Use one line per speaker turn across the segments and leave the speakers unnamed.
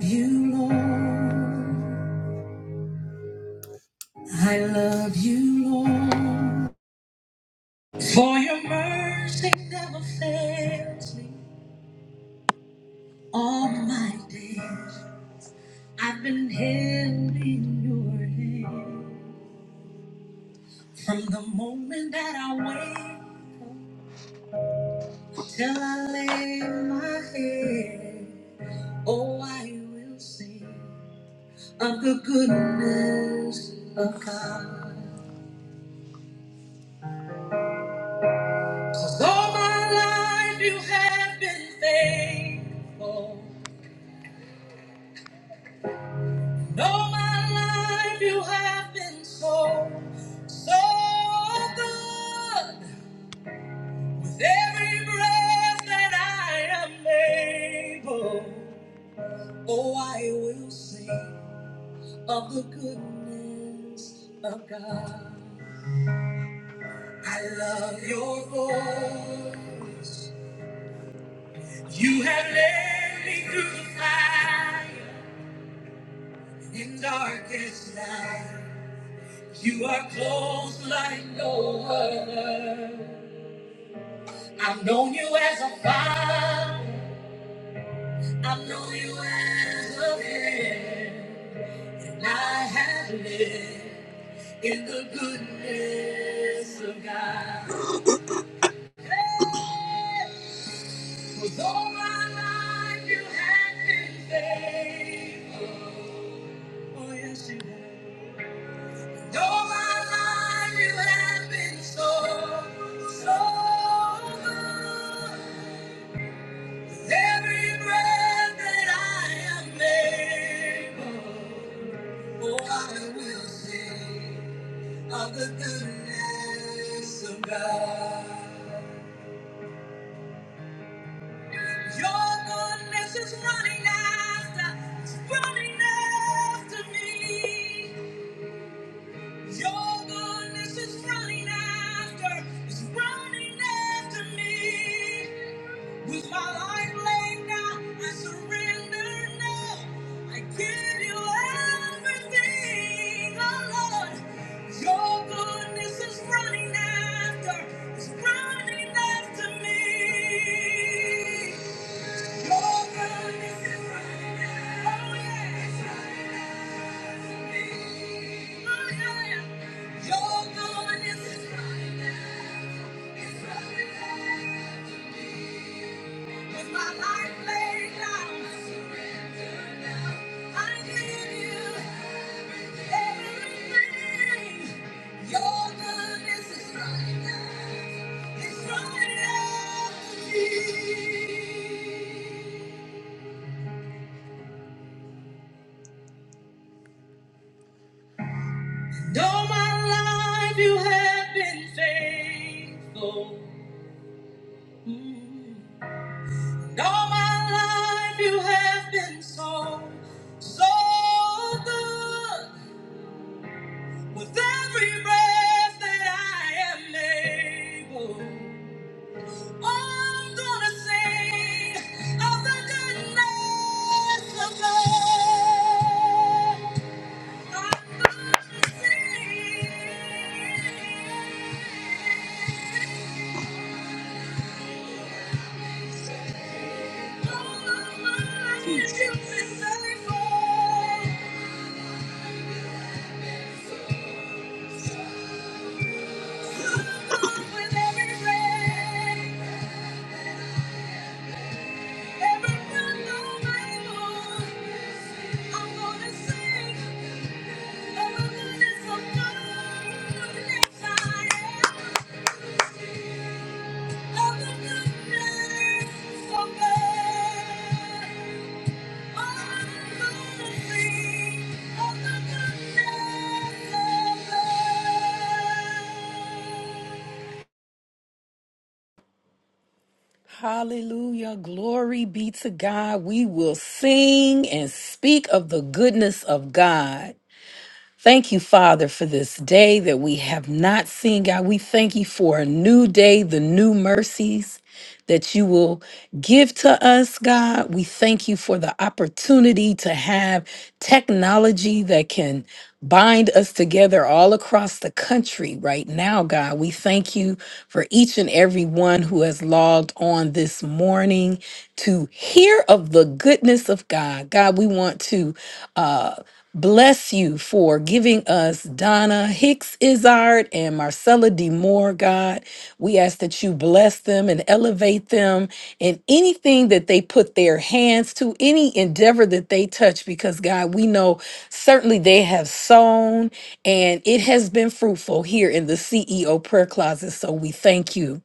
you, Lord. I love you, Lord. For your mercy never fails me all my days. I've been held in your hand from the moment that I wake up till I lay my head. Oh, I will sing of the goodness of God. 'Cause all my life you have been faithful. And all my life you have been so, so good. With every breath that I am able, oh, I will sing of the goodness of God. I love your voice. You have led me through the fire. In darkest night, you are close like no other. I've known you as a father, I've known you as a friend, and I have lived in the goodness of God. For all my life, you have been faithful. Oh, yes, you have. All my life, you have been so, so good. Every breath that I am able, oh, I will sing of the goodness of God. Your goodness is running after, it's running after me. Your goodness is running after, is running after me. With my life laid down, I surrender now. I give you everything, oh Lord. Your goodness is running after, is running after me. It's right now. It's right now. All my life you have been faithful. Mm. All my life you have been so, so good. With every breath that I am able, I'm gonna sing of the goodness of God. I'm gonna sing. Thank you.
Hallelujah. Glory be to God. We will sing and speak of the goodness of God. Thank you, Father, for this day that we have not seen. God, we thank you for a new day, the new mercies that you will give to us, God. We thank you for the opportunity to have technology that can bind us together all across the country right now, God. We thank you for each and every one who has logged on this morning to hear of the goodness of God. God, we want to. Uh, Bless you for giving us Donna Hicks Izard and Marcella D. Moore, God. We ask that you bless them and elevate them in anything that they put their hands to, any endeavor that they touch, because God, we know certainly they have sown and it has been fruitful here in the CEO prayer closet. So we thank you.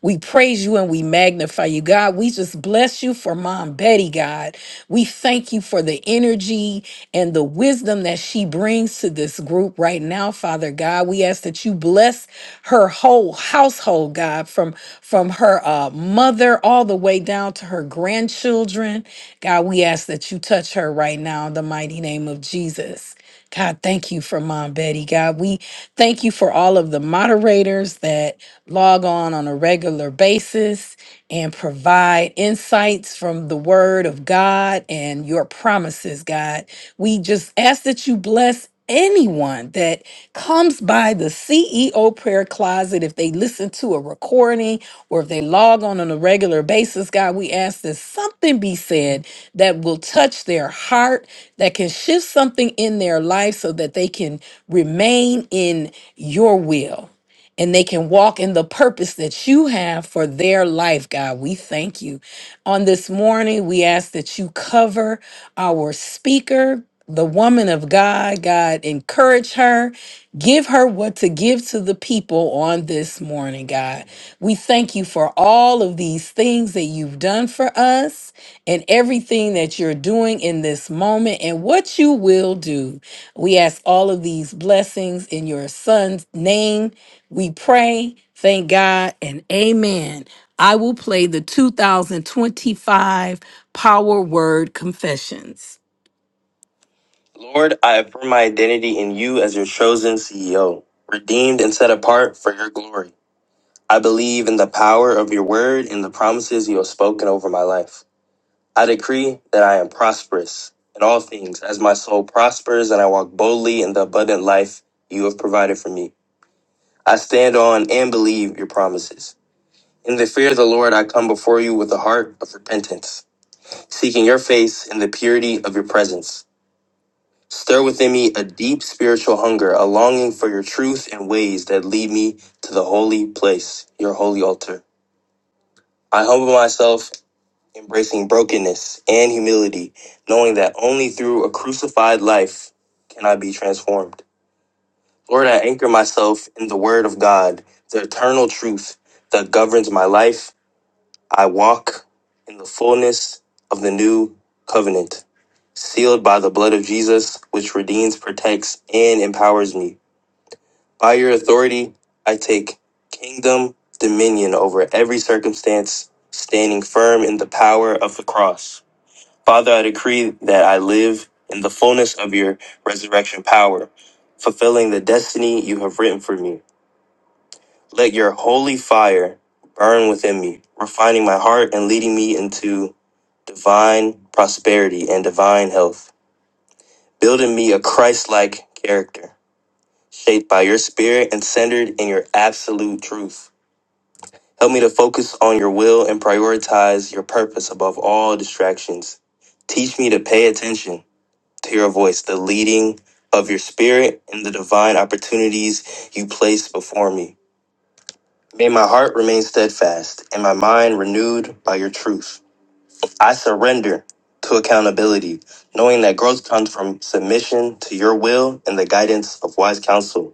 We praise you and we magnify you, God. We just bless you for Mom Betty, God. We thank you for the energy and the wisdom that she brings to this group right now, Father God. We ask that you bless her whole household, God, from from her uh, mother all the way down to her grandchildren. God, we ask that you touch her right now in the mighty name of Jesus. God, thank you for Mom Betty. God, we thank you for all of the moderators that log on on a regular basis and provide insights from the word of God and your promises, God. We just ask that you bless anyone that comes by the CEO prayer closet if they listen to a recording or if they log on on a regular basis God we ask that something be said that will touch their heart that can shift something in their life so that they can remain in your will and they can walk in the purpose that you have for their life, God. We thank you. On this morning, we ask that you cover our speaker, the woman of God. God, encourage her, give her what to give to the people on this morning, God. We thank you for all of these things that you've done for us and everything that you're doing in this moment and what you will do. We ask all of these blessings in your son's name. We pray, thank God, and amen. I will play the 2025 Power Word Confessions. Lord, I affirm my identity in you as your chosen CEO, redeemed and set apart for your glory. I believe in the power of your word and the promises you have spoken over my life. I decree that I am prosperous in all things as my soul prospers and I walk boldly in the abundant life you have provided for me. I stand on and believe your promises. In the fear of the Lord, I come before you with a heart of repentance, seeking your face in the purity of your presence. Stir within me a deep spiritual hunger, a longing for your truth and ways that lead me to the holy place, your holy altar. I humble myself embracing brokenness and humility, knowing that only through a crucified life can I be transformed. Lord, I anchor myself in the Word of God, the eternal truth that governs my life. I walk in the fullness of the new covenant, sealed by the blood of Jesus, which redeems, protects, and empowers me. By your authority, I take kingdom dominion over every circumstance, standing firm in the power of the cross. Father, I decree that I live in the fullness of your resurrection power, fulfilling the destiny you have written for me. Let your holy fire burn within me, refining my heart and leading me into divine prosperity and divine health, building me a Christ like character, shaped by your spirit and centered in your absolute truth. Help me to focus on your will and prioritize your purpose above all distractions. Teach me to pay attention to your voice, the leading of your spirit, and the divine opportunities you place before me. May my heart remain steadfast and my mind renewed by your truth. I surrender to accountability, knowing that growth comes from submission to your will and the guidance of wise counsel.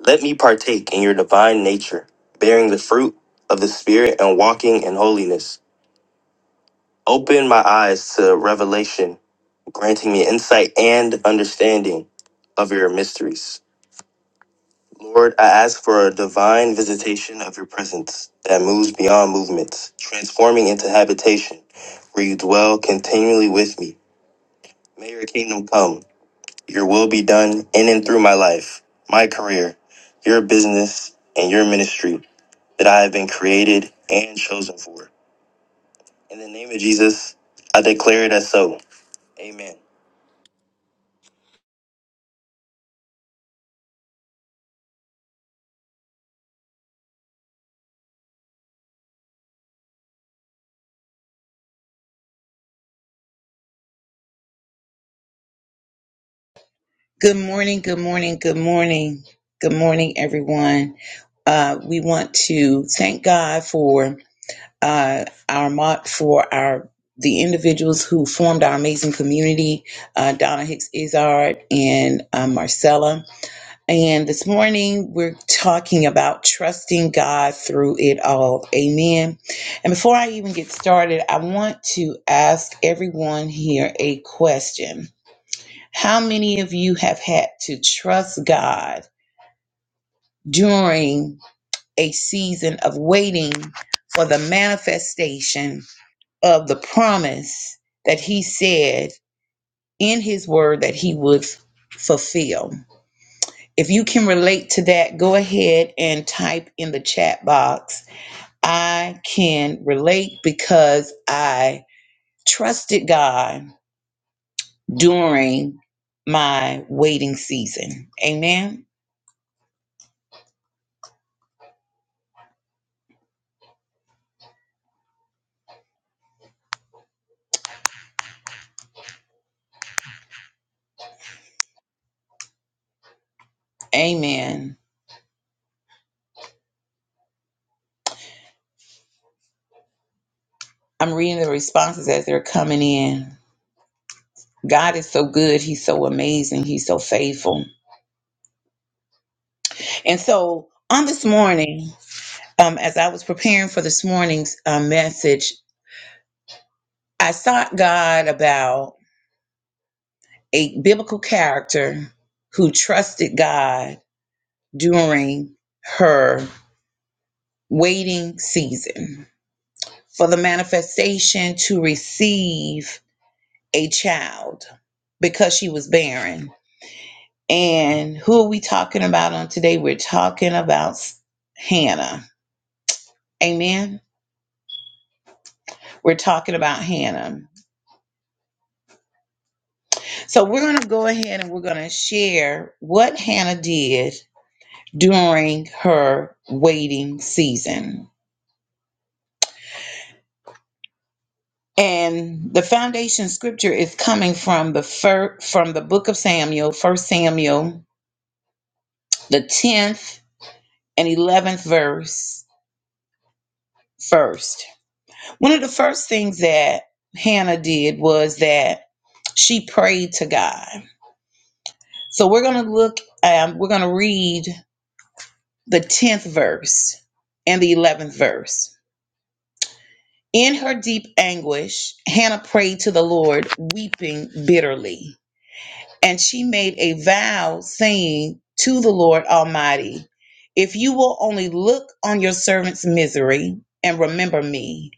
Let me partake in your divine nature, bearing the fruit of the Spirit and walking in holiness. Open my eyes to revelation, granting me insight and understanding of your mysteries. Lord, I ask for a divine visitation of your presence that moves beyond movements, transforming into habitation where you dwell continually with me. May your kingdom come, your will be done in and through my life, my career, your business, and your ministry that I have been created and chosen for. In the name of Jesus, I declare it as so. Amen.
Good morning, good morning, good morning. Good morning, everyone. Uh, we want to thank God for uh, our mo- for our the individuals who formed our amazing community, uh, Donna Hicks Izard and uh, Marcella. And this morning we're talking about trusting God through it all. Amen. And before I even get started, I want to ask everyone here a question how many of you have had to trust God during a season of waiting for the manifestation of the promise that He said in His Word that He would fulfill? If you can relate to that, go ahead and type in the chat box. I can relate because I trusted God during my waiting season. Amen. Amen. I'm reading the responses as they're coming in. God is so good. He's so amazing. He's so faithful. And so on this morning, um, as I was preparing for this morning's uh, message, I sought God about a biblical character who trusted God during her waiting season for the manifestation to receive a child because she was barren. And who are we talking about on today? We're talking about Hannah. Amen. We're talking about Hannah. So we're going to go ahead and we're going to share what Hannah did during her waiting season. And the foundation scripture is coming from the fir- from the book of Samuel, First Samuel, the 10th and 11th verse first. One of the first things that Hannah did was that she prayed to God. So we're going to look, um, we're going to read the 10th verse and the 11th verse. In her deep anguish, Hannah prayed to the Lord, weeping bitterly. and she made a vow saying to the Lord Almighty, If you will only look on your servant's misery and remember me,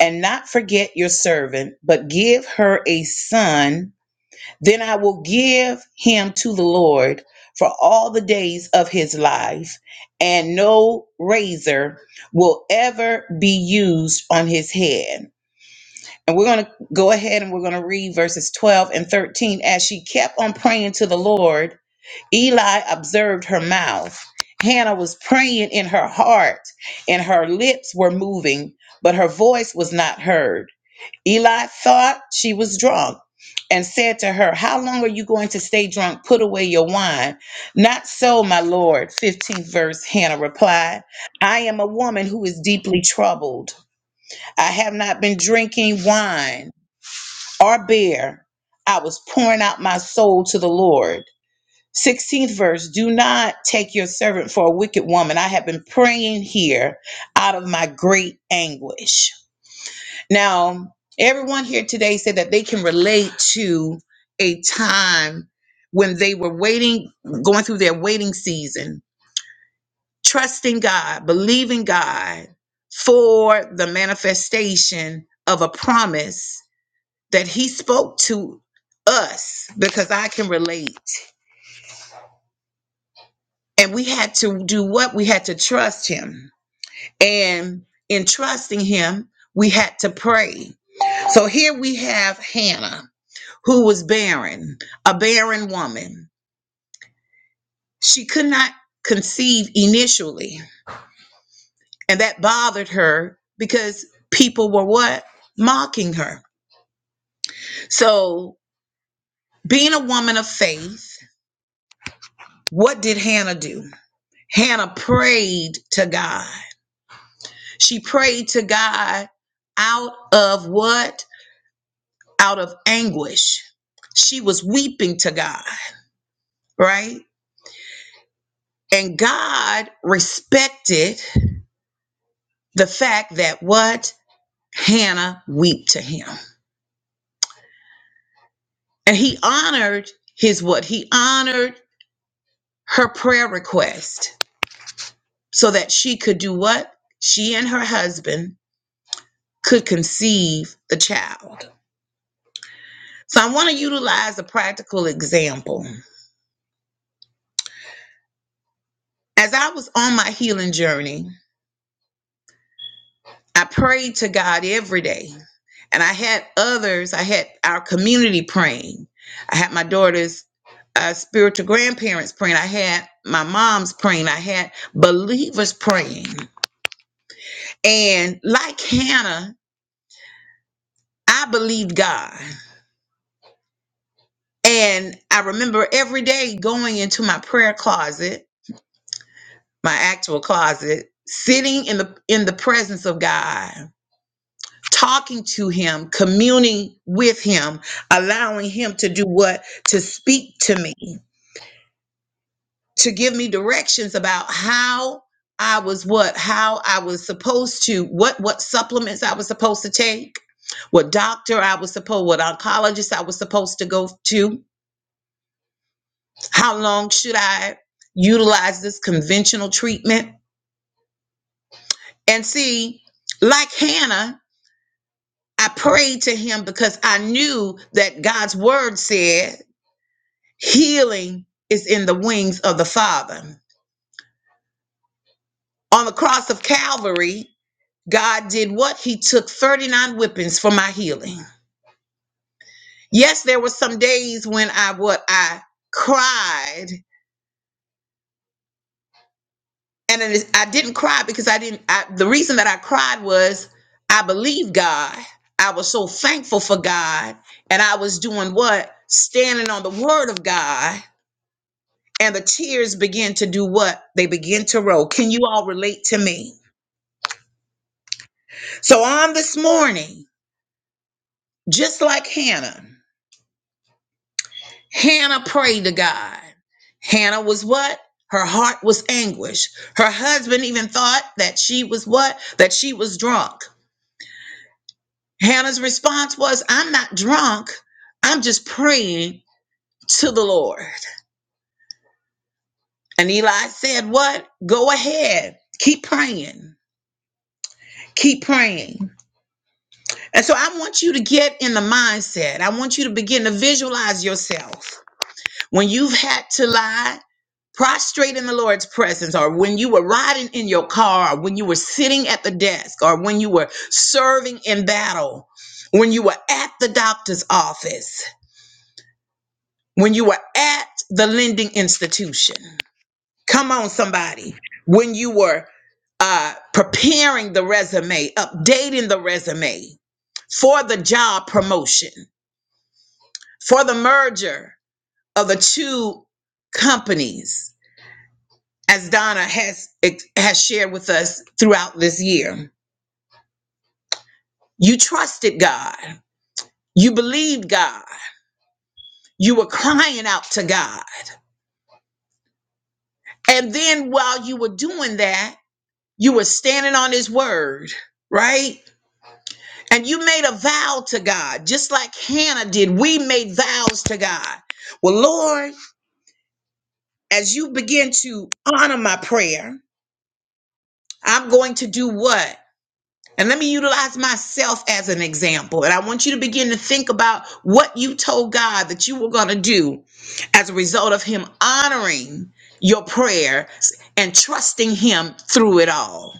and not forget your servant, but give her a son, then I will give him to the Lord for all the days of his life, and no razor will ever be used on his head. And we're going to go ahead and we're going to read verses 12 and 13. As she kept on praying to the Lord, Eli observed her mouth. Hannah was praying in her heart, and her lips were moving, but her voice was not heard. Eli thought she was drunk and said to her, How long are you going to stay drunk? Put away your wine. Not so, my Lord. 15th verse, Hannah replied, I am a woman who is deeply troubled. I have not been drinking wine or bear, I was pouring out my soul to the Lord. 16th verse Do not take your servant for a wicked woman. I have been praying here out of my great anguish. Now, everyone here today said that they can relate to a time when they were waiting, going through their waiting season, trusting God, believing God for the manifestation of a promise that he spoke to us because I can relate. And we had to do what? We had to trust him. And in trusting him, we had to pray. So here we have Hannah, who was barren, a barren woman. She could not conceive initially, and that bothered her because people were what? Mocking her. So, being a woman of faith, what did Hannah do? Hannah prayed to God. She prayed to God out of what? Out of anguish. She was weeping to God, right? And God respected the fact that what? Hannah wept to him. And he honored his what? He honored her prayer request so that she could do what? She and her husband could conceive the child. So I want to utilize a practical example. As I was on my healing journey, I prayed to God every day. And I had others, I had our community praying. I had my daughter's uh, spiritual grandparents praying. I had my mom's praying. I had believers praying. And like Hannah, I believed God. And I remember every day going into my prayer closet, my actual closet, sitting in the in the presence of God talking to him, communing with him, allowing him to do what? To speak to me, to give me directions about how I was what, how I was supposed to, what what supplements I was supposed to take, what doctor I was supposed, what oncologist I was supposed to go to, how long should I utilize this conventional treatment? And see, like Hannah, I prayed to him because I knew that God's word said Healing is in the wings of the Father. On the cross of Calvary, God did what? He took 39 whippings for my healing. Yes, there were some days when I what I cried, and it is, I didn't cry because I didn't. I, the reason that I cried was I believed God. I was so thankful for God, and I was doing what standing on the Word of God, and the tears begin to do what they begin to roll. Can you all relate to me? So on this morning, just like Hannah, Hannah prayed to God. Hannah was what? Her heart was anguish. Her husband even thought that she was what? That she was drunk. Hannah's response was, I'm not drunk. I'm just praying to the Lord. And Eli said, What? Go ahead. Keep praying. Keep praying. And so I want you to get in the mindset. I want you to begin to visualize yourself when you've had to lie. prostrate in the Lord's presence, or when you were riding in your car, or when you were sitting at the desk, or when you were serving in battle, when you were at the doctor's office, when you were at the lending institution. Come on, somebody. When you were uh, preparing the resume, updating the resume for the job promotion, for the merger of the two companies, as Donna has has shared with us throughout this year. You trusted God. You believed God. You were crying out to God. And then while you were doing that, you were standing on his word, right? And you made a vow to God, just like Hannah did. We made vows to God. Well, Lord, as you begin to honor my prayer, I'm going to do what? And let me utilize myself as an example. And I want you to begin to think about what you told God that you were going to do as a result of Him honoring your prayer and trusting Him through it all.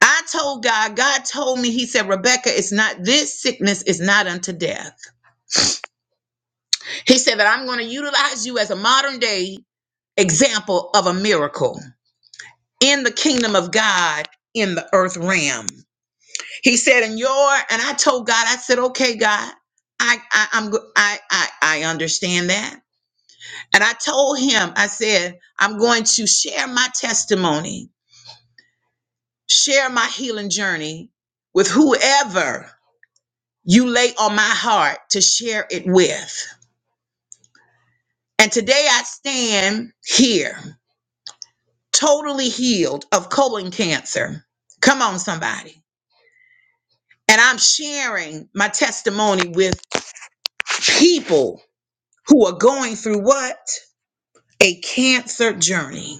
I told God, God told me, He said, Rebecca, it's not this sickness is not unto death. He said that I'm going to utilize you as a modern day example of a miracle in the kingdom of God in the earth realm. He said, "And your," and I told God, I said, "Okay, God, I, I I'm go- I, I I understand that." And I told him, I said, "I'm going to share my testimony, share my healing journey with whoever you lay on my heart to share it with." And today I stand here, totally healed of colon cancer. Come on, somebody. And I'm sharing my testimony with people who are going through what? a cancer journey,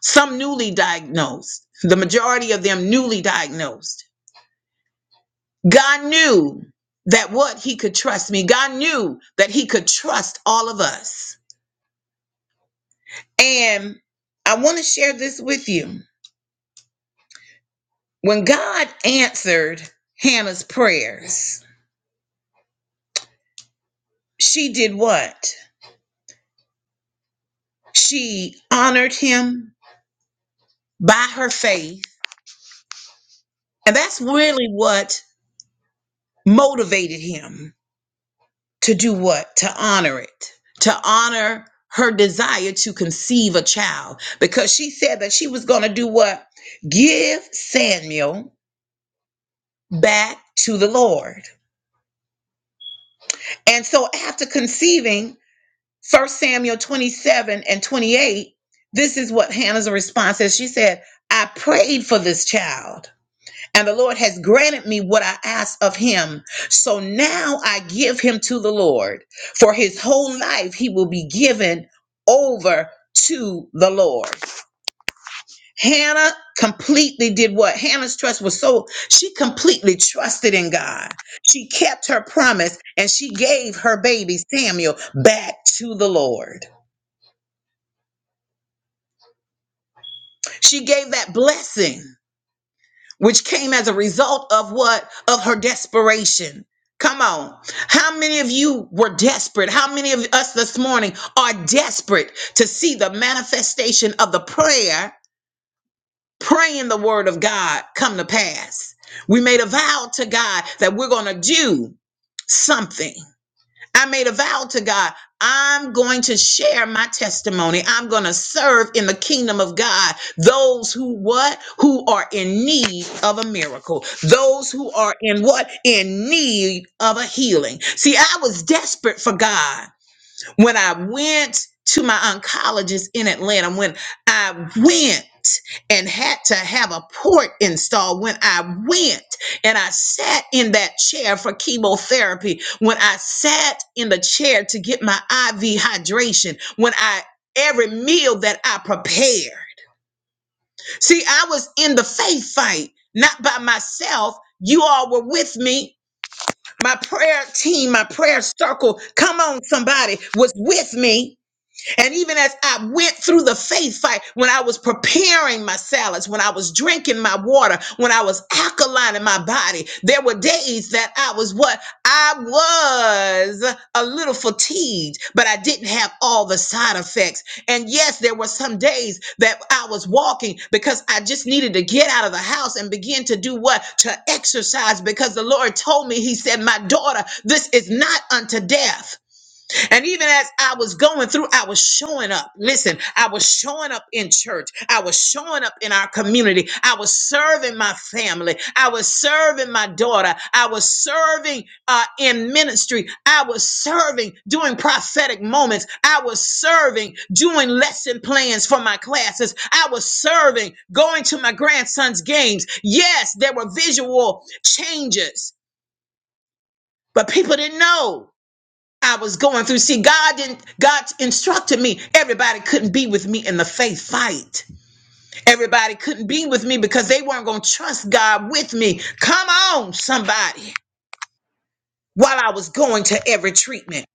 some newly diagnosed, the majority of them newly diagnosed. God knew that what he could trust me, God knew that he could trust all of us. And I want to share this with you. When God answered Hannah's prayers, she did what? She honored him by her faith. And that's really what motivated him to do what? To honor it, to honor her desire to conceive a child because she said that she was going to do what? Give Samuel back to the Lord. And so after conceiving First Samuel 27 and 28, this is what Hannah's response is. She said, I prayed for this child and the Lord has granted me what I asked of him. So now I give him to the Lord. For his whole life, he will be given over to the Lord. Hannah completely did what? Hannah's trust was so, she completely trusted in God. She kept her promise and she gave her baby Samuel back to the Lord. She gave that blessing. which came as a result of what? Of her desperation. Come on. How many of you were desperate? How many of us this morning are desperate to see the manifestation of the prayer, praying the word of God come to pass? We made a vow to God that we're going to do something. I made a vow to God. I'm going to share my testimony. I'm going to serve in the kingdom of God. Those who what? Who are in need of a miracle. Those who are in what? In need of a healing. See, I was desperate for God when I went to my oncologist in Atlanta, when I went and had to have a port installed, when I went and I sat in that chair for chemotherapy, when I sat in the chair to get my IV hydration, when I every meal that I prepared. See, I was in the faith fight, not by myself. You all were with me. My prayer team, my prayer circle, come on, somebody, was with me and even as I went through the faith fight, when I was preparing my salads, when I was drinking my water, when I was alkalining my body, there were days that I was what? I was a little fatigued, but I didn't have all the side effects. And yes, there were some days that I was walking because I just needed to get out of the house and begin to do what? To exercise because the Lord told me, He said, My daughter, this is not unto death and even as I was going through, I was showing up. Listen, I was showing up in church. I was showing up in our community. I was serving my family. I was serving my daughter. I was serving uh, in ministry. I was serving doing prophetic moments. I was serving doing lesson plans for my classes. I was serving going to my grandson's games. Yes, there were visual changes, but people didn't know. I was going through. See, God didn't, God instructed me. Everybody couldn't be with me in the faith fight. Everybody couldn't be with me because they weren't going to trust God with me. Come on, somebody. While I was going to every treatment,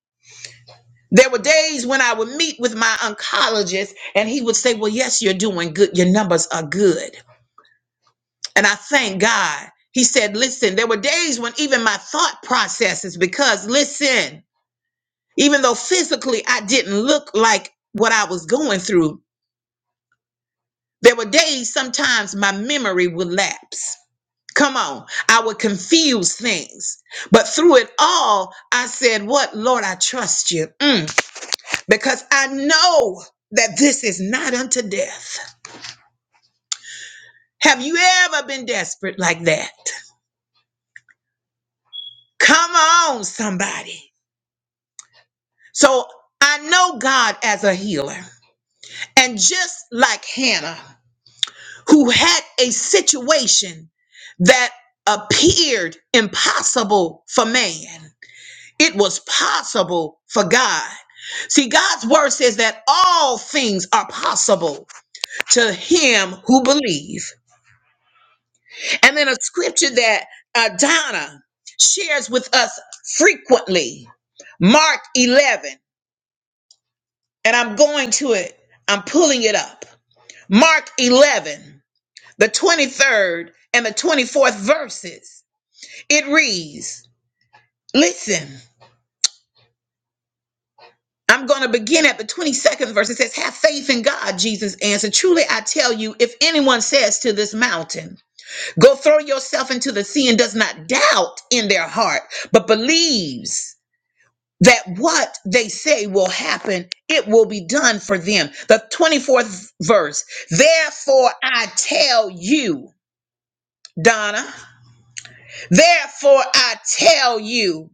there were days when I would meet with my oncologist and he would say, Well, yes, you're doing good. Your numbers are good. And I thank God. He said, Listen, there were days when even my thought processes, because listen, even though physically I didn't look like what I was going through, there were days sometimes my memory would lapse. Come on, I would confuse things. But through it all, I said, What, Lord, I trust you Mm, because I know that this is not unto death. Have you ever been desperate like that? Come on, somebody. So I know God as a healer. And just like Hannah, who had a situation that appeared impossible for man. It was possible for God. See, God's word says that all things are possible to him who believe. And then a scripture that uh, Donna shares with us frequently, Mark 11, and I'm going to it. I'm pulling it up. Mark 11, the 23rd and the 24th verses. It reads, Listen, I'm going to begin at the 22nd verse. It says, Have faith in God, Jesus answered. Truly, I tell you, if anyone says to this mountain, Go throw yourself into the sea, and does not doubt in their heart, but believes that what they say will happen, it will be done for them. The 24th verse, Therefore, I tell you, Donna, therefore, I tell you.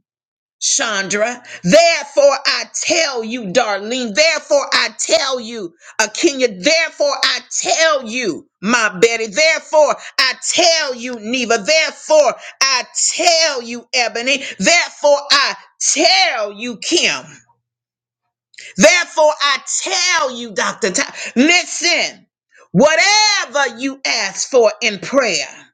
Chandra. Therefore, I tell you, Darlene. Therefore, I tell you, Akenya. Therefore, I tell you, my Betty. Therefore, I tell you, Neva. Therefore, I tell you, Ebony. Therefore, I tell you, Kim. Therefore, I tell you, Dr. Ty. Listen, whatever you ask for in prayer.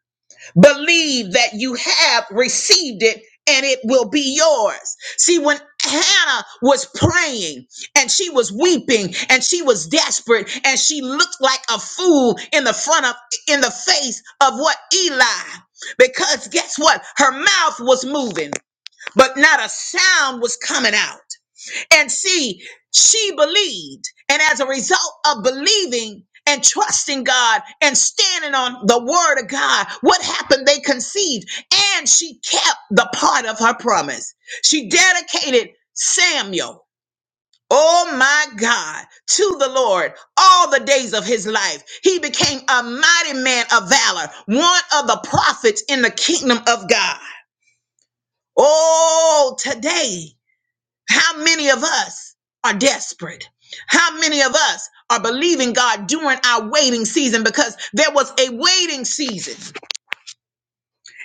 Believe that you have received it and it will be yours. See, when Hannah was praying and she was weeping and she was desperate and she looked like a fool in the front of, in the face of what Eli, because guess what? Her mouth was moving, but not a sound was coming out and see she believed and as a result of believing and trusting God and standing on the word of God, what happened? They conceived and she kept the part of her promise. She dedicated Samuel, oh my God, to the Lord all the days of his life. He became a mighty man of valor, one of the prophets in the kingdom of God. Oh, today how many of us are desperate? How many of us are believing God during our waiting season? Because there was a waiting season.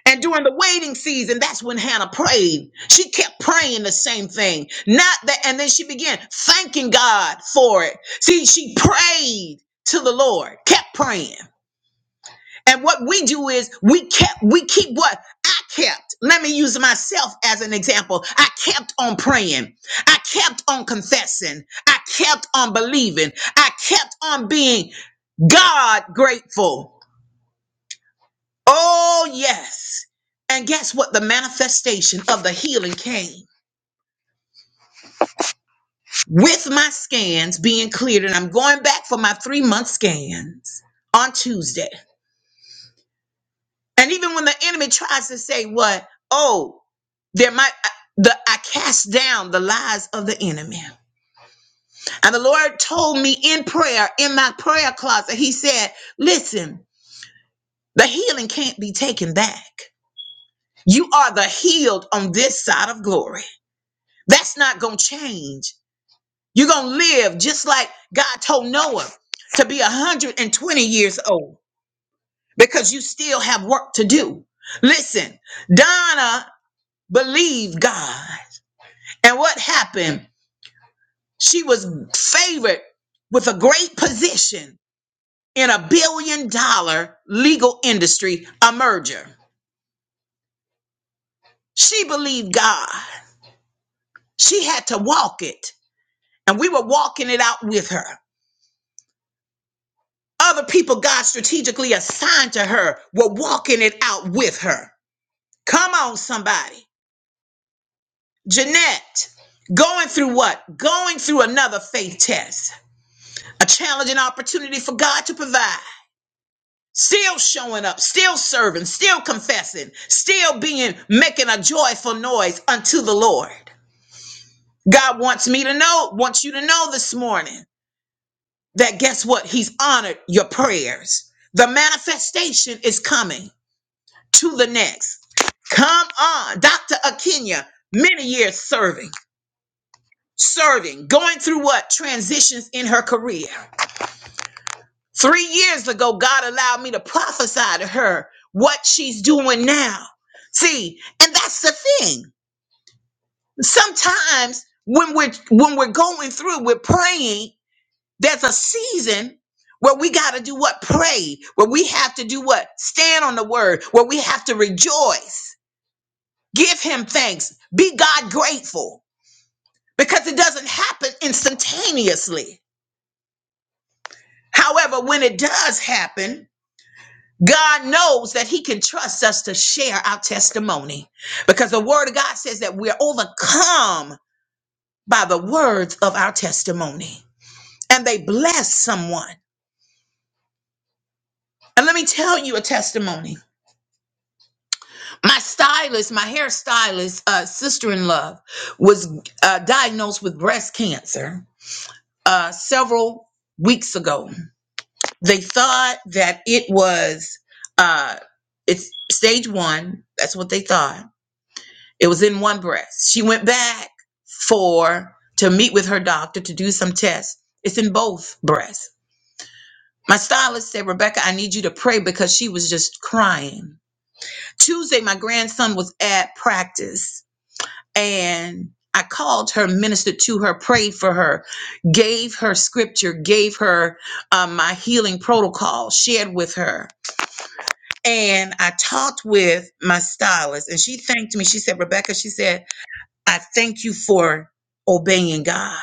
And during the waiting season, that's when Hannah prayed. She kept praying the same thing. Not that, and then she began thanking God for it. See, she prayed to the Lord, kept praying. And what we do is we kept, we keep what I kept. Let me use myself as an example. I kept on praying. I kept on confessing. I kept on believing. I kept on being God grateful. Oh, yes. And guess what? The manifestation of the healing came with my scans being cleared. And I'm going back for my three month scans on Tuesday. And even when the enemy tries to say what, oh, there might uh, the I cast down the lies of the enemy. And the Lord told me in prayer, in my prayer closet, He said, Listen, the healing can't be taken back. You are the healed on this side of glory. That's not gonna change. You're gonna live just like God told Noah to be 120 years old because you still have work to do. Listen, Donna believed God. And what happened? She was favored with a great position in a billion dollar legal industry, a merger. She believed God. She had to walk it. And we were walking it out with her. Other people God strategically assigned to her were walking it out with her. Come on, somebody. Jeanette, going through what? Going through another faith test, a challenging opportunity for God to provide. still showing up, still serving, still confessing, still being making a joyful noise unto the Lord. God wants me to know, wants you to know this morning that guess what? He's honored your prayers. The manifestation is coming to the next. Come on, Dr. Akinya. many years serving, serving, going through what? Transitions in her career. Three years ago, God allowed me to prophesy to her what she's doing now. See, and that's the thing. Sometimes when we're when we're going through, we're praying. There's a season where we got to do what pray, where we have to do what stand on the word, where we have to rejoice, give Him thanks, be God grateful, because it doesn't happen instantaneously. However, when it does happen, God knows that He can trust us to share our testimony because the Word of God says that we're overcome by the words of our testimony and they bless someone. And let me tell you a testimony. My stylist, my hairstylist, uh, sister in love, was uh, diagnosed with breast cancer uh, several weeks ago. They thought that it was uh, it's stage one. That's what they thought It was in one breast. She went back for to meet with her doctor to do some tests. It's in both breasts. My stylist said, Rebecca, I need you to pray because she was just crying. Tuesday, my grandson was at practice and I called her, ministered to her, prayed for her, gave her scripture, gave her um, my healing protocol, shared with her. And I talked with my stylist and she thanked me. She said, Rebecca, she said, I thank you for obeying God.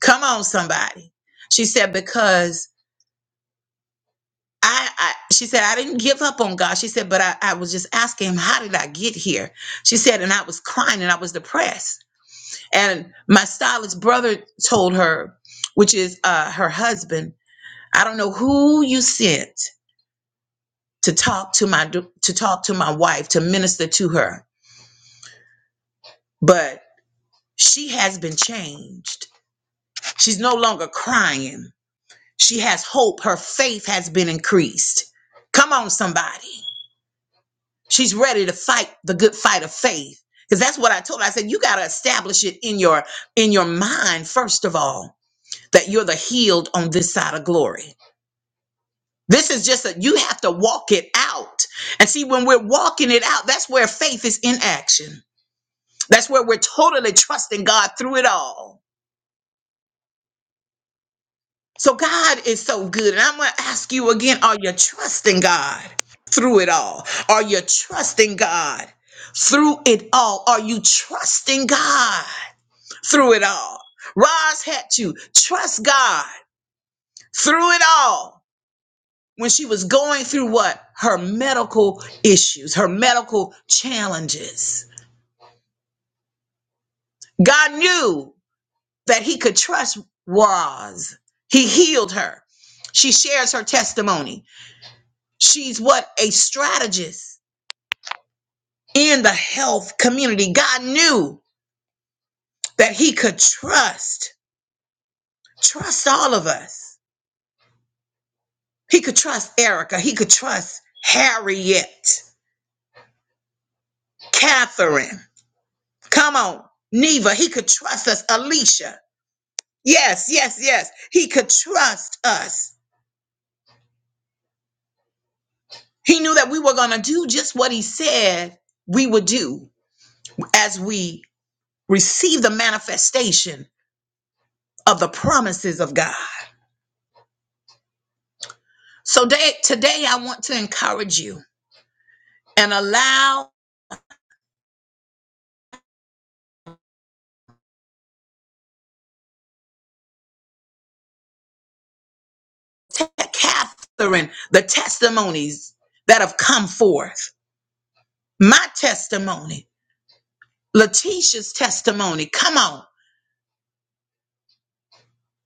Come on, somebody. She said, because I, I she said, I didn't give up on God. She said, but I, I was just asking him, how did I get here? She said, and I was crying and I was depressed. And my stylist brother told her, which is uh, her husband, I don't know who you sent to talk to my to talk to my wife, to minister to her, but she has been changed. She's no longer crying She has hope. Her faith has been increased. Come on, somebody. She's ready to fight the good fight of faith. Because that's what I told her. I said, you got to establish it in your in your mind, first of all, that you're the healed on this side of glory. This is just that you have to walk it out. And see, when we're walking it out, that's where faith is in action. That's where we're totally trusting God through it all. So God is so good. And I'm going to ask you again are you trusting God through it all? Are you trusting God through it all? Are you trusting God through it all? Roz had to trust God through it all when she was going through what? Her medical issues, her medical challenges. God knew that He could trust Roz, He healed her. She shares her testimony She's what? A strategist in the health community. God knew that He could trust, trust all of us. He could trust Erica. He could trust Harriet, Catherine. Come on, Neva. He could trust us, Alicia. Yes, yes, yes. He could trust us. He knew that we were going to do just what He said we would do as we receive the manifestation of the promises of God. So day, today, I want to encourage you and allow Catherine the testimonies that have come forth. My testimony, Letitia's testimony, come on,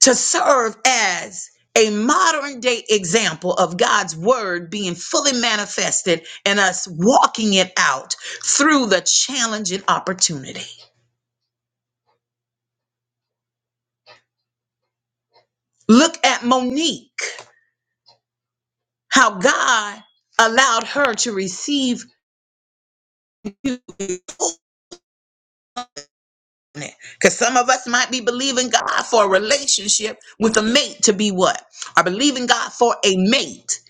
to serve as a modern day example of God's word being fully manifested and us walking it out through the challenge and opportunity. Look at Monique, how God allowed her to receive Because some of us might be believing God for a relationship with a mate to be what? Or believing God for a mate.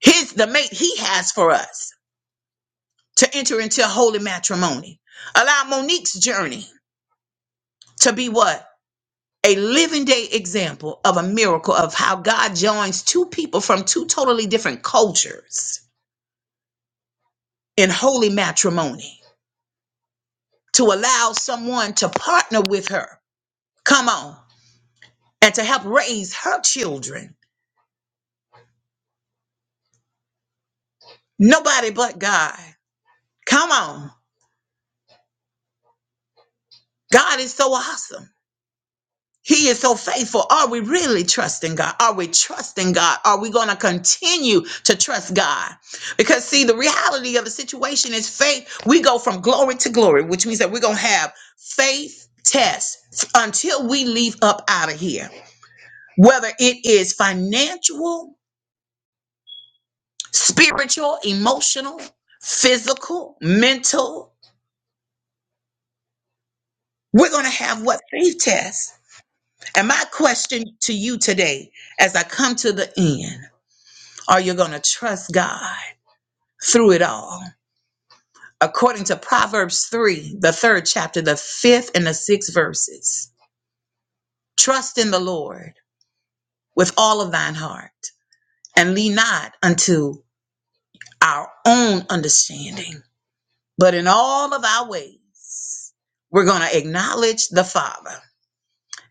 His the mate he has for us to enter into holy matrimony. Allow Monique's journey to be what? A living day example of a miracle of how God joins two people from two totally different cultures in holy matrimony to allow someone to partner with her. Come on. And to help raise her children. Nobody but God. Come on. God is so awesome. He is so faithful. Are we really trusting God? Are we trusting God? Are we going to continue to trust God? Because, see, the reality of the situation is faith. We go from glory to glory, which means that we're going to have faith tests until we leave up out of here. Whether it is financial, spiritual, emotional, physical, mental, we're going to have what faith tests And my question to you today, as I come to the end, are you going to trust God through it all? According to Proverbs 3, the third chapter, the fifth and the sixth verses, trust in the Lord with all of thine heart and lean not unto our own understanding, but in all of our ways, we're going to acknowledge the Father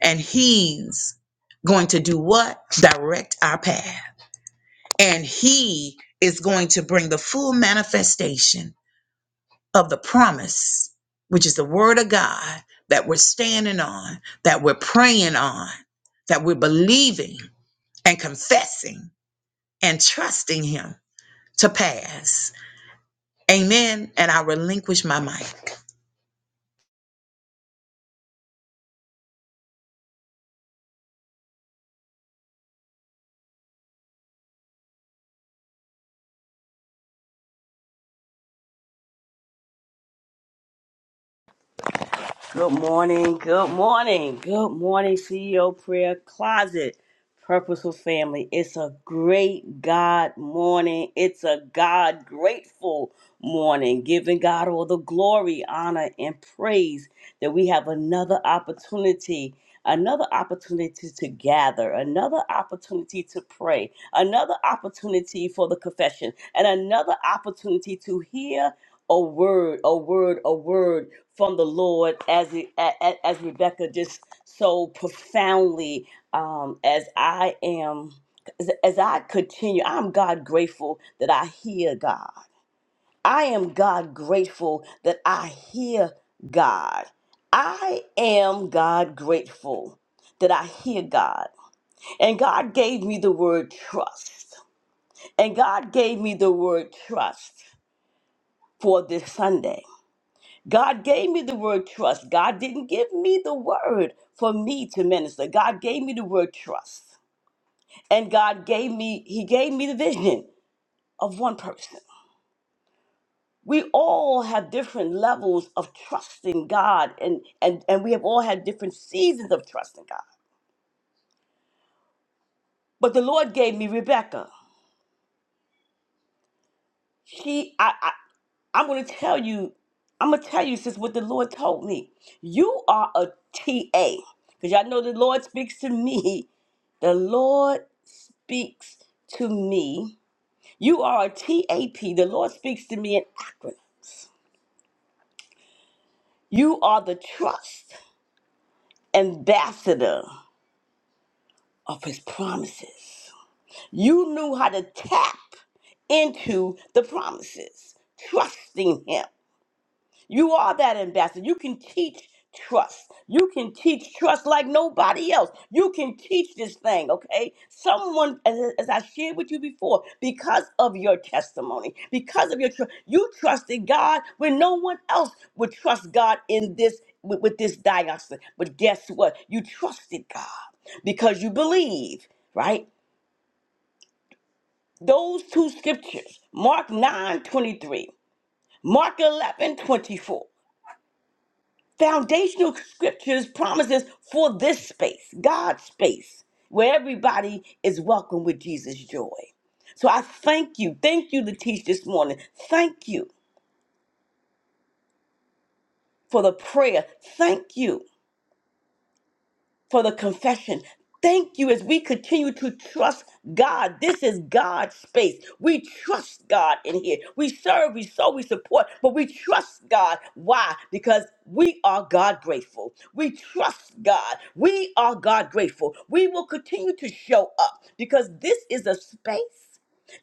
and He's going to do what? Direct our path. and he is going to bring the full manifestation of the promise which is the word of god that we're standing on that we're praying on that we're believing and confessing and trusting him to pass amen and i relinquish my mic
Good morning, good morning, good morning, CEO Prayer Closet, Purposeful Family. It's a great God morning. It's a God grateful morning, giving God all the glory, honor, and praise that we have another opportunity, another opportunity to gather, another opportunity to pray, another opportunity for the confession, and another opportunity to hear a word, a word, a word from the Lord, as it- a- a- as Rebecca just so profoundly, um, as I am, as, as I continue, I'm God grateful that I hear God. I am God grateful that I hear God. I am God grateful that I hear God. And God gave me the word trust. And God gave me the word trust for this Sunday. God gave me the word trust. God didn't give me the word for me to minister. God gave me the word trust. And God gave me, He gave me the vision of one person. We all have different levels of trusting God, and, and, and we have all had different seasons of trusting God. But the Lord gave me Rebecca. She, I. I'm going to tell you, I'm going to tell you, sis, what the Lord told me. You are a TA. Because y'all know the Lord speaks to me. The Lord speaks to me. You are a TAP. The Lord speaks to me in acronyms. You are the trust ambassador of his promises. You knew how to tap into the promises, trusting him. You are that ambassador. You can teach trust. You can teach trust like nobody else. You can teach this thing, okay? Someone, as, as I shared with you before, because of your testimony, because of your trust, you trusted God when no one else would trust God in this with, with this diocese. But guess what? You trusted God because you believe, right? Those two scriptures, Mark 9 23, Mark 11 24. foundational scriptures promises for this space, God's space, where everybody is welcome with Jesus' joy. So I thank you. Thank you, Latish, this morning. Thank you for the prayer. Thank you for the confession. Thank you as we continue to trust God. This is God's space. We trust God in here. We serve, we sow, we support, but we trust God. Why? Because we are God grateful. We trust God. We are God grateful. We will continue to show up because this is a space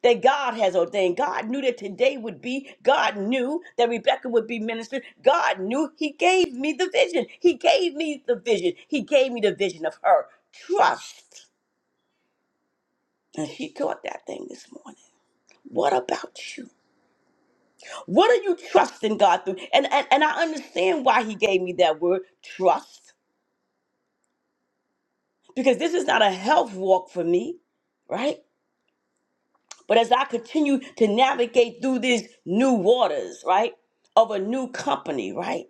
that God has ordained. God knew that today would be, God knew that Rebecca would be ministered. God knew He gave me the vision. He gave me the vision. He gave me the vision of her. Trust. And she taught that thing this morning. What about you? What are you trusting God through? And, and, and I understand why He gave me that word, trust, because this is not a health walk for me, right? But as I continue to navigate through these new waters, right, of a new company, right?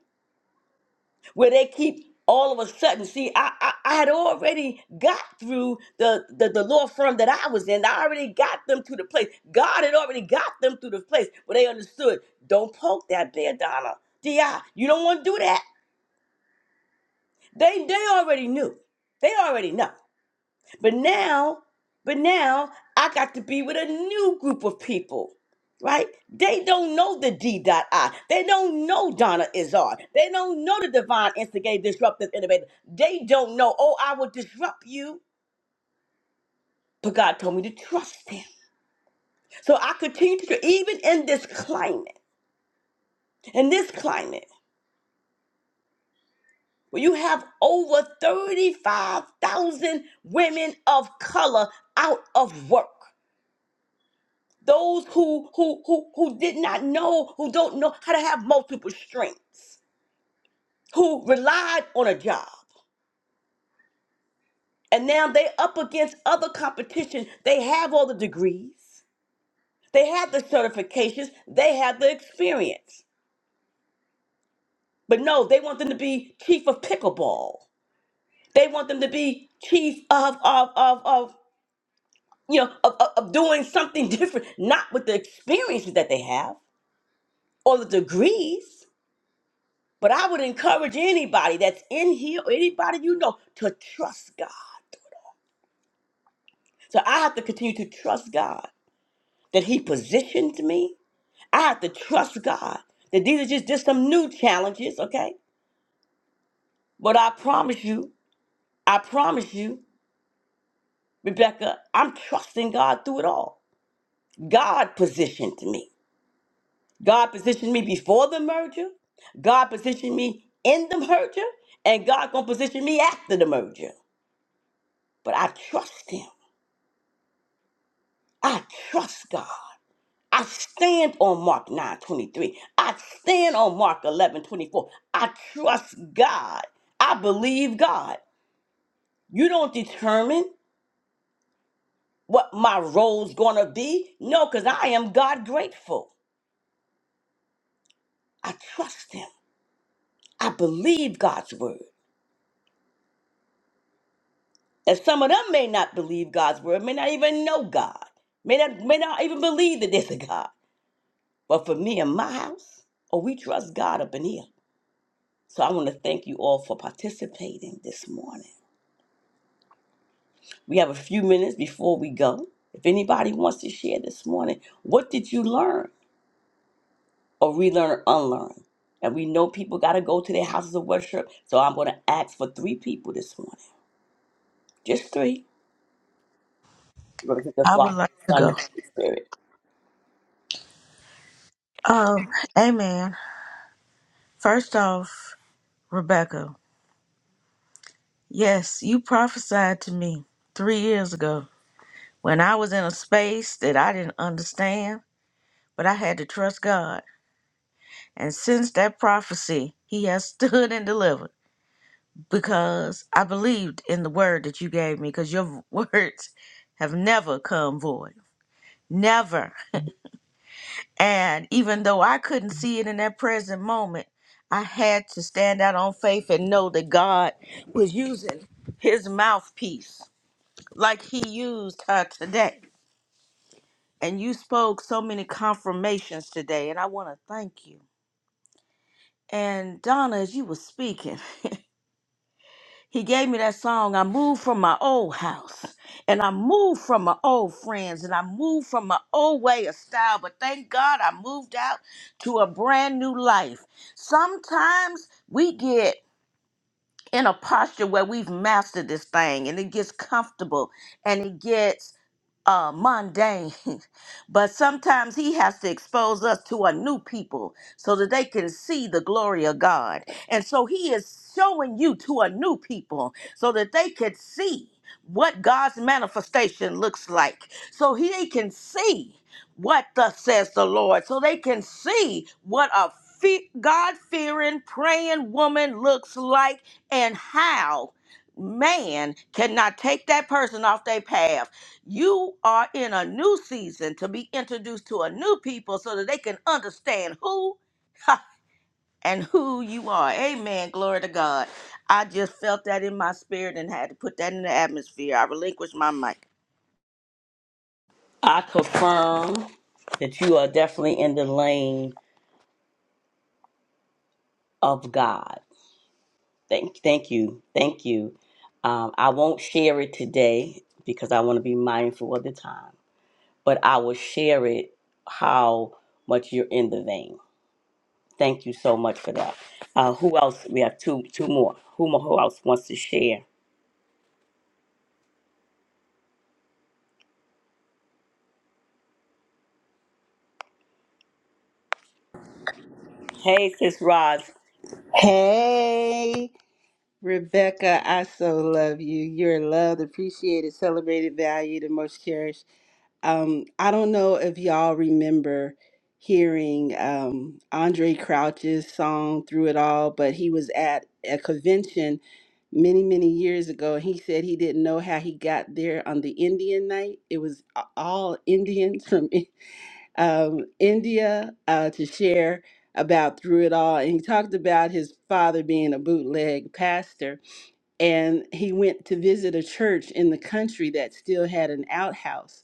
where they keep all of a sudden see I, I i had already got through the, the the law firm that i was in i already got them to the place god had already got them to the place where they understood don't poke that bear donna di you don't want to do that they they already knew they already know but now, but now I got to be with a new group of people. Right? They don't know the D.I. They don't know Donna Izard. They don't know the divine instigator, disruptive innovator. They don't know, oh, I will disrupt you. But God told me to trust Him, So I continue to, even in this climate, in this climate, where you have over 35,000 women of color out of work. those who who who who did not know who don't know how to have multiple strengths who relied on a job and now they up against other competition they have all the degrees they have the certifications they have the experience but no they want them to be chief of pickleball they want them to be chief of of of, of you know of, of of doing something different not with the experiences that they have or the degrees But I would encourage anybody that's in here, or anybody you know, to trust God. So I have to continue to trust God that He positioned me. I have to trust God that these are just, just some new challenges, okay? But I promise you, I promise you, Rebecca, I'm trusting God through it all. God positioned me. God positioned me before the merger. God positioned me in the merger. And God gonna position me after the merger. But I trust Him. I trust God. I stand on Mark 9 23. I stand on Mark 11 24. I trust God. I believe God. You don't determine what my role's gonna be. No, because I am God grateful. I trust Him. I believe God's word. And some of them may not believe God's word, may not even know God, may not, may not even believe that there's a God. But for me and my house, oh, we trust God up in here. So I want to thank you all for participating this morning. We have a few minutes before we go. If anybody wants to share this morning, what did you learn or relearn or unlearn? And we know people got to go to their houses of worship. So I'm going to ask for three people this morning. Just three. Represent the
I would
Father,
like to
Son,
go.
and Holy Spirit.
Oh, amen. First off, Rebecca, yes, you prophesied to me three years ago when I was in a space that I didn't understand, but I had to trust God. And since that prophecy, He has stood and delivered because I believed in the word that you gave me because your words have never come void. Never. And even though I couldn't see it in that present moment, I had to stand out on faith and know that God was using his mouthpiece like he used her today. And you spoke so many confirmations today, and I want to thank you. And Donna, as you were speaking, He gave me that song. I moved from my old house and I moved from my old friends and I moved from my old way of style. But thank God I moved out to a brand new life. Sometimes we get in a posture where we've mastered this thing and it gets comfortable and it gets uh, mundane, but sometimes He has to expose us to a new people so that they can see the glory of God. And so He is showing you to a new people so that they can see what God's manifestation looks like, so He they can see what thus says the Lord, so they can see what a fe- God fearing, praying woman looks like and how man cannot take that person off their path you are in a new season to be introduced to a new people so that they can understand who and who you are. Amen. Glory to God. I just felt that in my spirit and had to put that in the atmosphere. I relinquished my mic.
I confirm that you are definitely in the lane of God. Thank, thank you, thank you. Um, I won't share it today because I want to be mindful of the time, but I will share it how much you're in the vein. Thank you so much for that. Uh, who else? We have two, two more. Who, mo- who else wants to share? Hey, Sis Roz.
Hey, Rebecca, I so love you. You're loved, appreciated, celebrated, valued, and most cherished. Um, I don't know if y'all remember hearing um, Andre Crouch's song Through It All, but he was at a convention many, many years ago, and he said he didn't know how he got there on the Indian night. It was a- all Indians from um, India uh, to share about through it all. And he talked about his father being a bootleg pastor. And he went to visit a church in the country that still had an outhouse.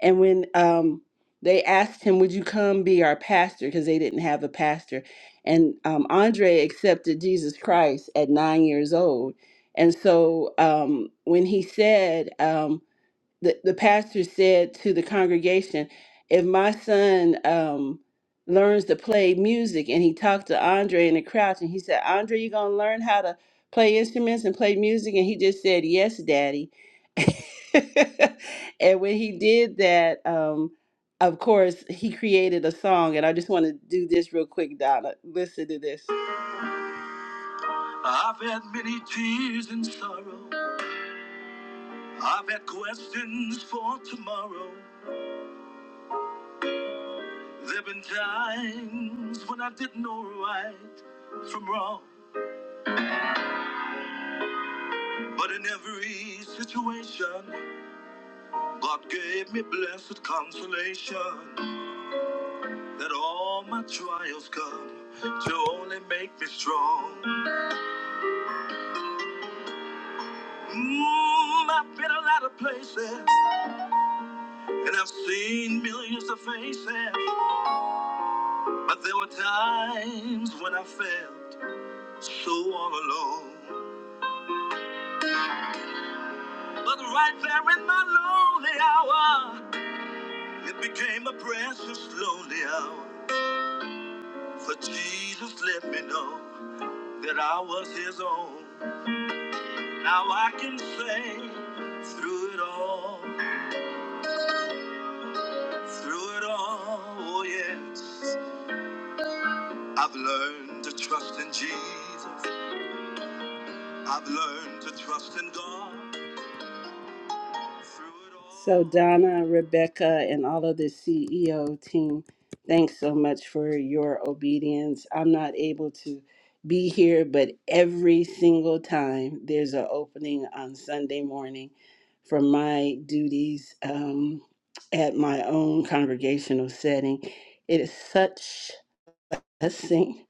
And when um, they asked him, Would you come be our pastor? Because they didn't have a pastor. And um, Andre accepted Jesus Christ at nine years old. And so um, when he said, um, the, the pastor said to the congregation, if my son um, learns to play music, and he talked to Andre in the crowd, and he said, Andre, you gonna learn how to play instruments and play music? And he just said, Yes, Daddy. and when he did that, um, of course, he created a song. And I just want to do this real quick, Donna. Listen to this. I've had many tears and sorrow. I've had questions for tomorrow. There been times when I didn't know right from wrong. But in every situation, God gave me blessed consolation that all my trials come to only make me strong. Mm, I've been a lot of places and I've seen millions of faces, but there were times when I felt so all alone. But right there in my lonely hour, It became a precious lonely hour. For Jesus let me know that I was his own. Now I can say through it all, through it all, oh yes. I've learned to trust in Jesus. I've learned to trust in God. So, Donna, Rebecca, and all of the CEO team, thanks so much for your obedience. I'm not able to be here, but every single time there's an opening on Sunday morning for my duties um, at my own congregational setting, it is such a blessing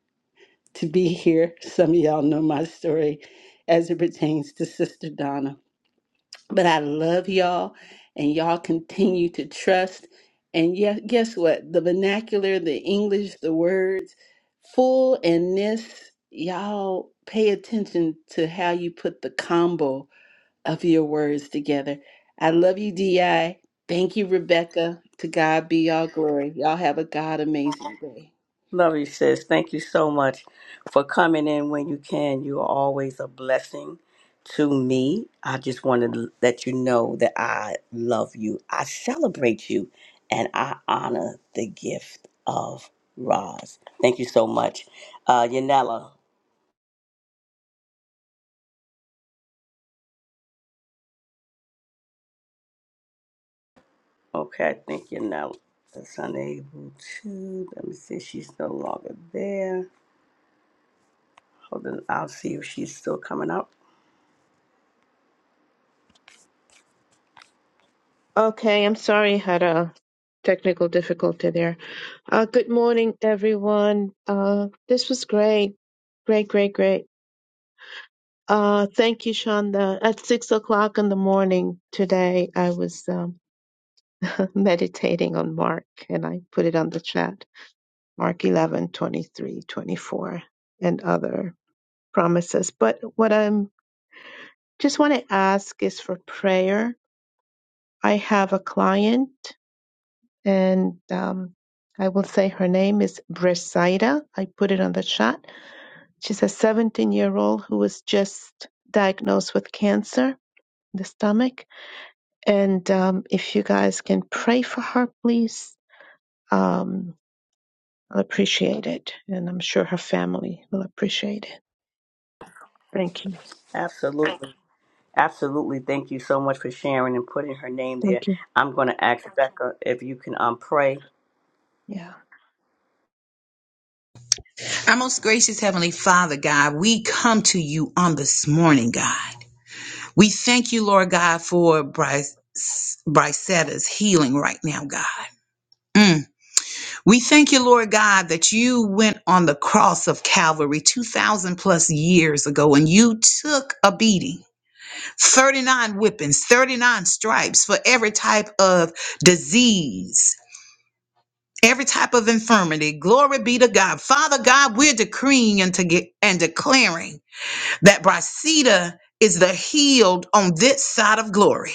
to be here. Some of y'all know my story as it pertains to Sister Donna. But I love y'all, and y'all continue to trust. And yeah, guess what? The vernacular, the English, the words, full and this, y'all pay attention to how you put the combo of your words together. I love you, DI. Thank you, Rebecca. To God be all glory. Y'all have a God amazing day.
Love you, sis. Thank you so much for coming in when you can. You are always a blessing to me. I just wanted to let you know that I love you. I celebrate you and I honor the gift of Roz. Thank you so much. Uh Yanela. Okay, I think Yanela is unable to. Let me see. She's no longer there. Hold on. I'll see if she's still coming up.
Okay, I'm sorry, had a technical difficulty there. Uh, good morning, everyone. Uh, this was great, great, great, great. Uh, thank you, Shonda. At six o'clock in the morning today, I was um, meditating on Mark, and I put it on the chat. Mark 11 23, 24, and other promises. But what I'm just want to ask is for prayer. I have a client and um, I will say her name is Bresaida. I put it on the chat. She's a 17 year old who was just diagnosed with cancer in the stomach. And um, if you guys can pray for her, please, um, I'll appreciate it. And I'm sure her family will appreciate it. Thank you.
Absolutely. Absolutely. Thank you so much for sharing and putting her name there.
Thank you.
I'm going to ask Becca if you can um, pray.
Yeah.
our most gracious heavenly father god we come to you on this morning god we thank you lord god for bryce brycetta's healing right now god Mm. We thank you, Lord God, that you went on the cross of Calvary 2,000 plus years ago and you took a beating 39 whippings, 39 stripes for every type of disease. Every type of infirmity, glory be to God. Father God, we're decreeing and, to get, and declaring that Brasida is the healed on this side of glory.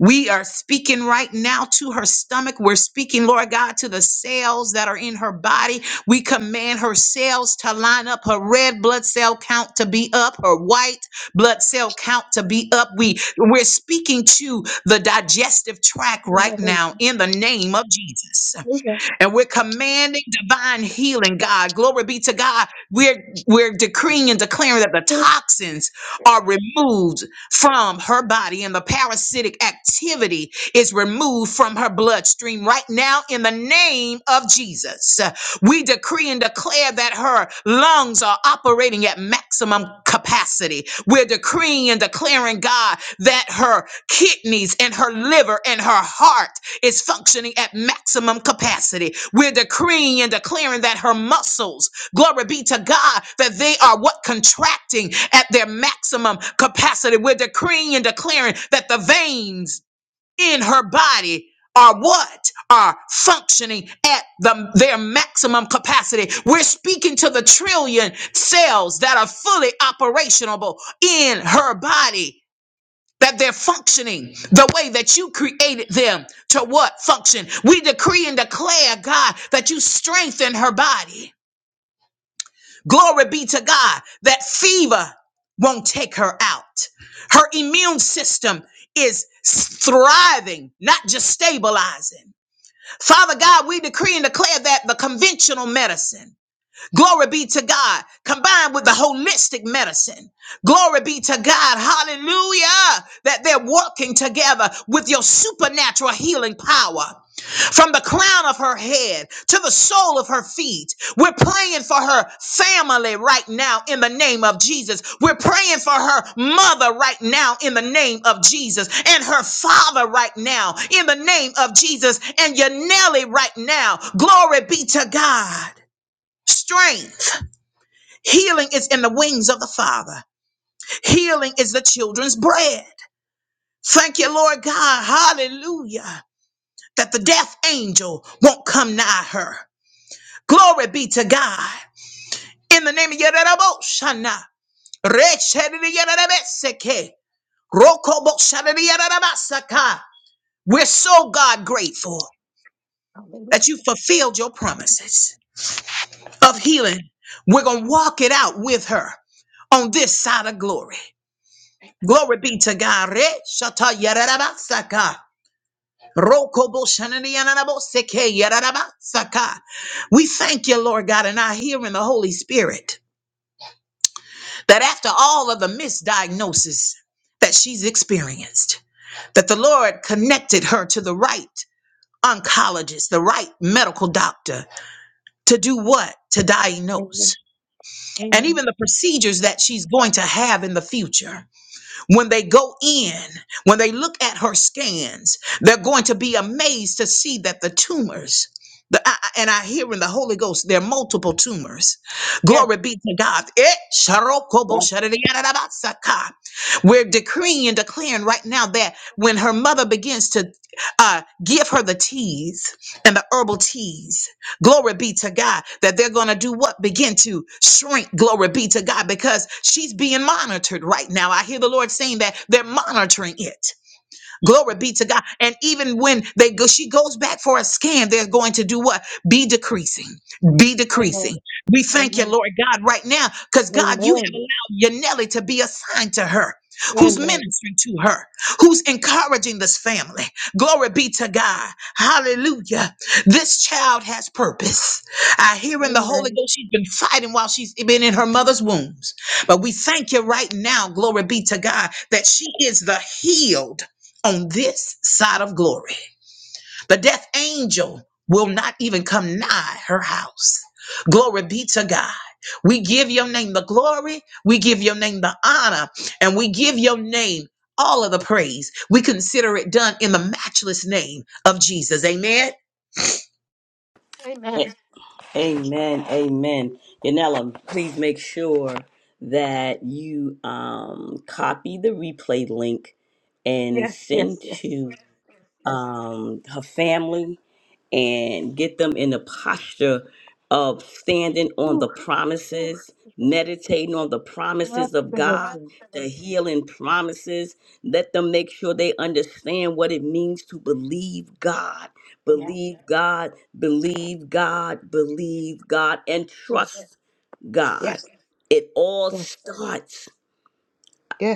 We are speaking right now to her stomach. We're speaking, Lord God, to the cells that are in her body. We command her cells to line up, her red blood cell count to be up, her white blood cell count to be up. We we're speaking to the digestive tract right now in the name of Jesus
Hallelujah.
and we're commanding divine healing god glory be to god we're we're decreeing and declaring that the toxins are removed from her body and the parasitic activity is removed from her bloodstream right now in the name of jesus we decree and declare that her lungs are operating at maximum capacity we're decreeing and declaring god that her kidneys and her liver and her heart is functioning at maximum capacity. We're decreeing and declaring that her muscles, glory be to God, that they are what contracting at their maximum capacity. We're decreeing and declaring that the veins in her body are what are functioning at the, their maximum capacity. We're speaking to the trillion cells that are fully operational in her body that they're functioning the way that you created them to what function. We decree and declare, God, that you strengthen her body. Glory be to God that fever won't take her out. Her immune system is thriving, not just stabilizing. Father God, we decree and declare that the conventional medicine Glory be to God, combined with the holistic medicine. Glory be to God, hallelujah, that they're working together with your supernatural healing power. From the crown of her head to the sole of her feet, we're praying for her family right now in the name of Jesus. We're praying for her mother right now in the name of Jesus and her father right now in the name of Jesus and your Nelly right now. Glory be to God. Strength. Healing is in the wings of the Father. Healing is the children's bread. Thank you, Lord God. Hallelujah. That the death angel won't come nigh her. Glory be to God. In the name of Yeruboshana. We're so God grateful
Hallelujah.
that you fulfilled your promises of healing. We're going to walk it out with her on this side of glory. Glory be to God. Re shata yararabasaka. Roko bo shanani yanaraboseke yararabasaka. We thank you, Lord God, and I hear in the Holy Spirit that after all of the misdiagnosis that she's experienced, that the Lord connected her to the right oncologist, the right medical doctor to do what? To
Amen.
diagnose. And
Amen.
even the procedures that she's going to have in the future. When they go in, when they look at her scans, they're going to be amazed to see that the tumors, the, I, I- and I hear in the Holy Ghost, there are multiple tumors. Glory be to God. Eh, sharokobo shadadiyadadabasaka. We're decreeing and declaring right now that when her mother begins to uh, give her the teas and the herbal teas, Glory be to God that they're going to do what? Begin to shrink. Glory be to God because she's being monitored right now. I hear the Lord saying that they're monitoring it. Glory be to God. And even when they go, she goes back for a scan, they're going to do what? Be decreasing. Be
Amen.
decreasing. We thank you,
Amen.
Lord God, right now, because God, you have allowed your Nelly to be assigned to her. Who's
Amen.
ministering to her? Who's encouraging this family? Glory be to God. Hallelujah. This child has purpose. I hear in the Holy
Amen. Amen.
Ghost, she's been fighting while she's been in her mother's wombs. But we thank you right now, glory be to God, that she is the healed on this side of glory. The death angel will not even come nigh her house. Glory be to God. We give your name the glory, we give your name the honor, and we give your name all of the praise. We consider it done in the matchless name of Jesus. Amen.
A-
Amen.
Amen. Amen. Yanela, please make sure that you um, copy the replay link and
Yes, yes,
send
yes.
to um, her family and get them in the posture of standing on
Ooh,
the promises, meditating on the promises of God,
absolutely.
the healing promises. Let them make sure they understand what it means to believe God,
Yes,
believe God, believe God, believe God, and
yes,
trust God.
yes,
It all
yes,
starts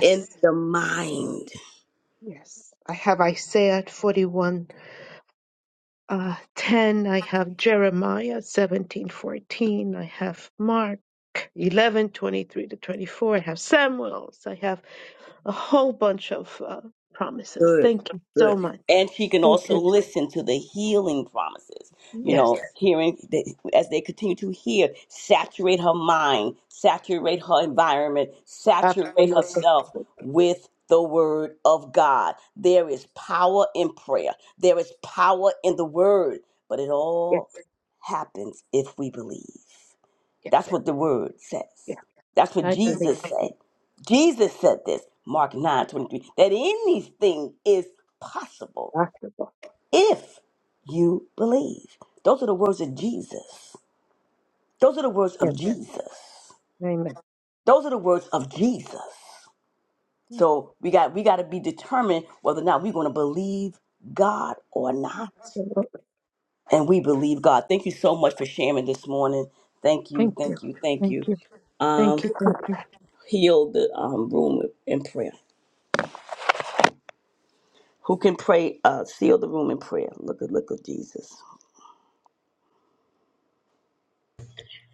in the mind.
yes. I have Isaiah 41, uh, 10. I have Jeremiah 17 14. I have Mark 11 23 to 24. I have Samuel's. I have a whole bunch of uh, promises.
Good,
Thank you
good.
so much.
And she can
Thank
also
you.
listen to the healing promises, you
Yes,
know, hearing the, as they continue to hear, saturate her mind, saturate her environment, saturate
absolutely.
herself with the word of God. There is power in prayer, there is power in the word, but it
Yes,
all happens if we believe.
yes,
That's what the word says.
yes.
That's what
I believe.
Jesus said. Jesus said this, Mark 9 23. that anything is possible
Possible.
if you believe. Those are the words of Jesus. Those are the words
Yes.
of Jesus.
Amen.
Those are the words of Jesus.
Yes,
So we got we got to be determined whether or not we're going to believe God or not.
Absolutely.
And we believe God. Thank you so much for sharing this morning. Thank you,
Thank you.
thank you, thank
Thank
you.
you.
Um,
Thank you. Thank you.
heal the um, room in prayer. Who can pray, uh, seal the room in prayer? Look at, look at Jesus.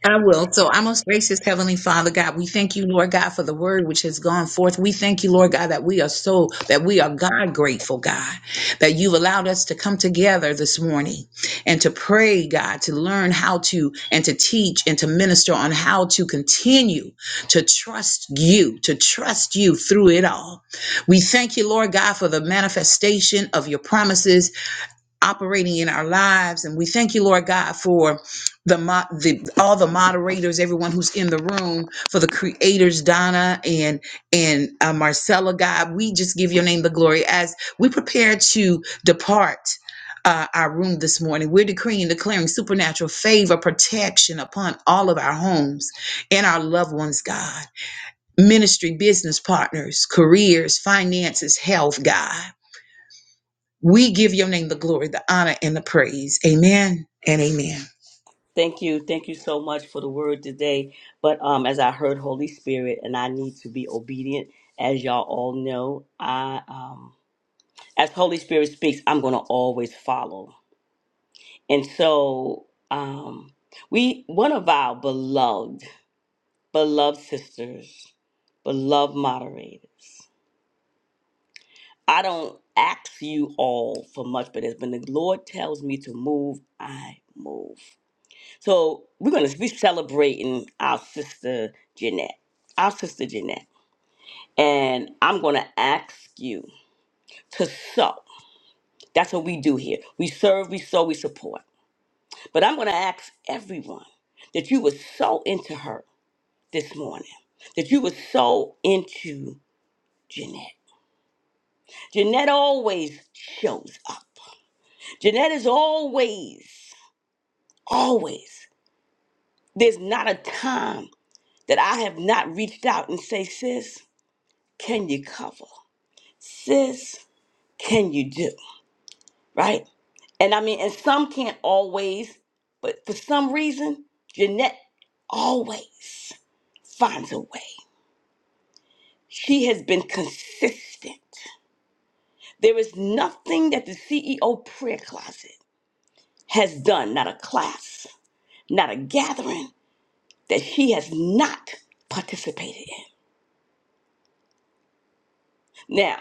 I will. So, our most gracious Heavenly Father, God, we thank you, Lord God, for the word which has gone forth. We thank you, Lord God, that we are so, that we are God grateful, God, that you've allowed us to come together this morning and to pray, God, to learn how to, and to teach and to minister on how to continue to trust you, to trust you through it all. We thank you, Lord God, for the manifestation of your promises operating in our lives. And we thank you, Lord God, for the, mo- the all the moderators, everyone who's in the room, for the creators, Donna and and uh, Marcella. God, we just give your name the glory as we prepare to depart. Uh, our room this morning. We're decreeing and declaring supernatural favor, protection upon all of our homes and our loved ones, God. Ministry, business partners, careers, finances, health, God. We give your name the glory, the honor, and the praise. Amen and amen.
Thank you. Thank you so much for the word today. But um, as I heard Holy Spirit, and I need to be obedient, as y'all all know, I um, as Holy Spirit speaks, I'm going to always follow. And so um, we, one of our beloved, beloved sisters, beloved moderators. I don't ask you all for much, but as when the Lord tells me to move, I move. So we're gonna be celebrating our sister Jeanette, our sister Jeanette, and I'm gonna ask you to sow. That's what we do here. We serve, we sow, we support. But I'm gonna ask everyone that you would sow into her this morning, that you would sow into Jeanette. Jeanette always shows up. Jeanette is always Always. There's not a time that I have not reached out and say, sis, can you cover? Sis, can you do? Right? And I mean, and some can't always, but for some reason, Jeanette always finds a way. She has been consistent. There is nothing that the CEO prayer closet has done, not a class, not a gathering, that she has not participated in. Now,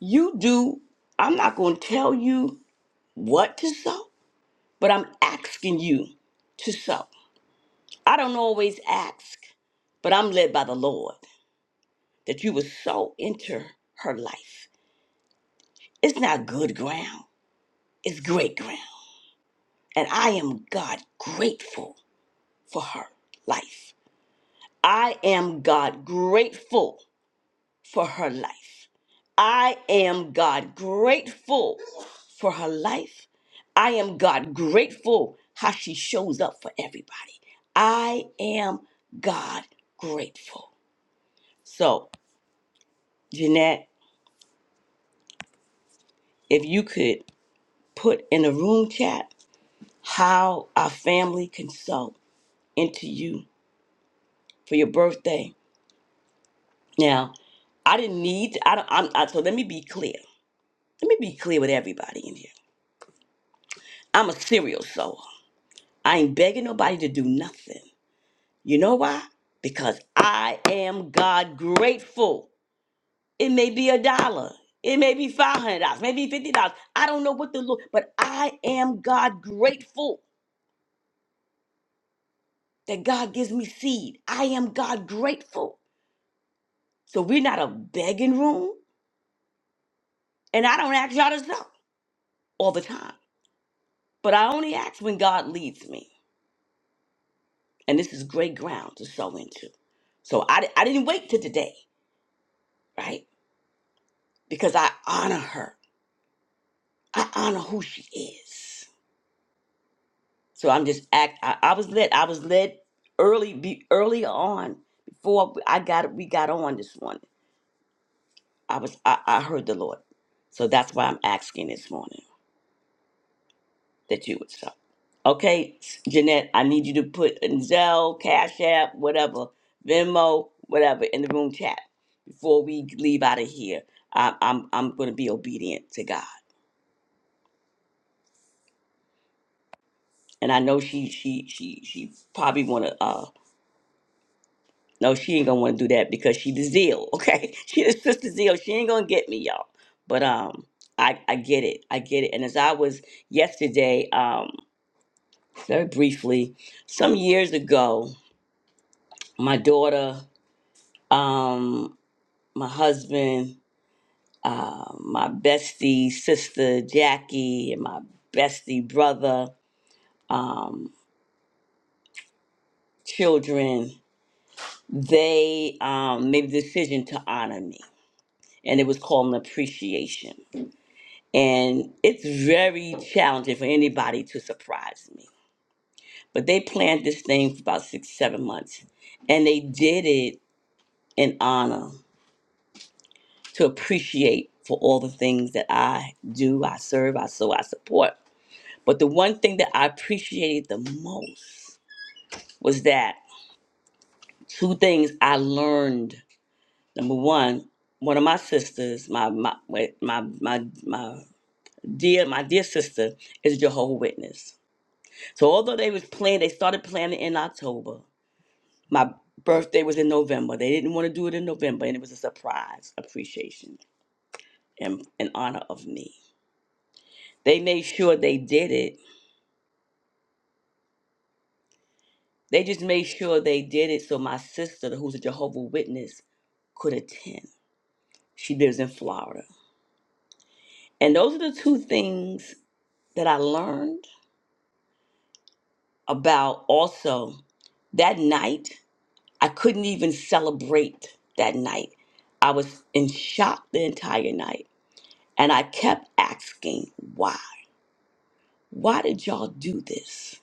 You do, I'm not going to tell you what to sow, but I'm asking you to sow. I don't always ask, but I'm led by the Lord that you would sow into her life. It's not good ground, it's great ground. And I am God grateful for her life. I am God grateful for her life. I am God grateful for her life. I am God grateful how she shows up for everybody. I am God grateful. So, Jeanette, if you could put in the room chat how our family can sow into you for your birthday. Now, I didn't need. I don't. I'm, I, so let me be clear. Let me be clear with everybody in here. I'm a serial sower. I ain't begging nobody to do nothing. You know why? Because I am God grateful. It may be a dollar. It may be five hundred dollars, maybe fifty dollars. I don't know what the Lord, but I am God grateful that God gives me seed. I am God grateful. So we're not a begging room, and I don't ask y'all to sow all the time. But I only ask when God leads me, and this is great ground to sow into. So I, I didn't wait till today, right? Because I honor her. I honor who she is. So I'm just act. I, I was led. I was led early. Be early on before I got. We got on this morning. I was. I, I heard the Lord. So that's why I'm asking this morning that you would stop. Okay, Jeanette. I need you to put in Zelle, Cash App, whatever, Venmo, whatever, in the room chat before we leave out of here. I, I'm I'm going to be obedient to God, and I know she she she she probably want to. Uh, No, she ain't gonna want to do that because she the zeal. Okay, she the sister zeal. She ain't gonna get me, y'all. But um, I I get it. I get it. And as I was yesterday, um, very briefly, some years ago, my daughter, um, my husband, uh, my bestie sister Jackie, and my bestie brother, um, children, they um made the decision to honor me, and it was called an appreciation and it's very challenging for anybody to surprise me. But they planned this thing for about six, seven months, and they did it in honor to appreciate for all the things that I do, I serve, I sow, I support. But the one thing that I appreciated the most was that two things I learned. Number one, one of my sisters, my my my my my my dear my dear sister is a Jehovah Witness So although they was planning, they started planning in October. My birthday was in November. They didn't want to do it in November, and it was a surprise appreciation and in honor of me. They made sure they did it. They just made sure they did it so my sister, who's a Jehovah Witness, could attend. She lives in Florida, and those are the two things that I learned about. Also, that night I couldn't even celebrate that night. I was in shock the entire night. And I kept asking, why? Why did y'all do this?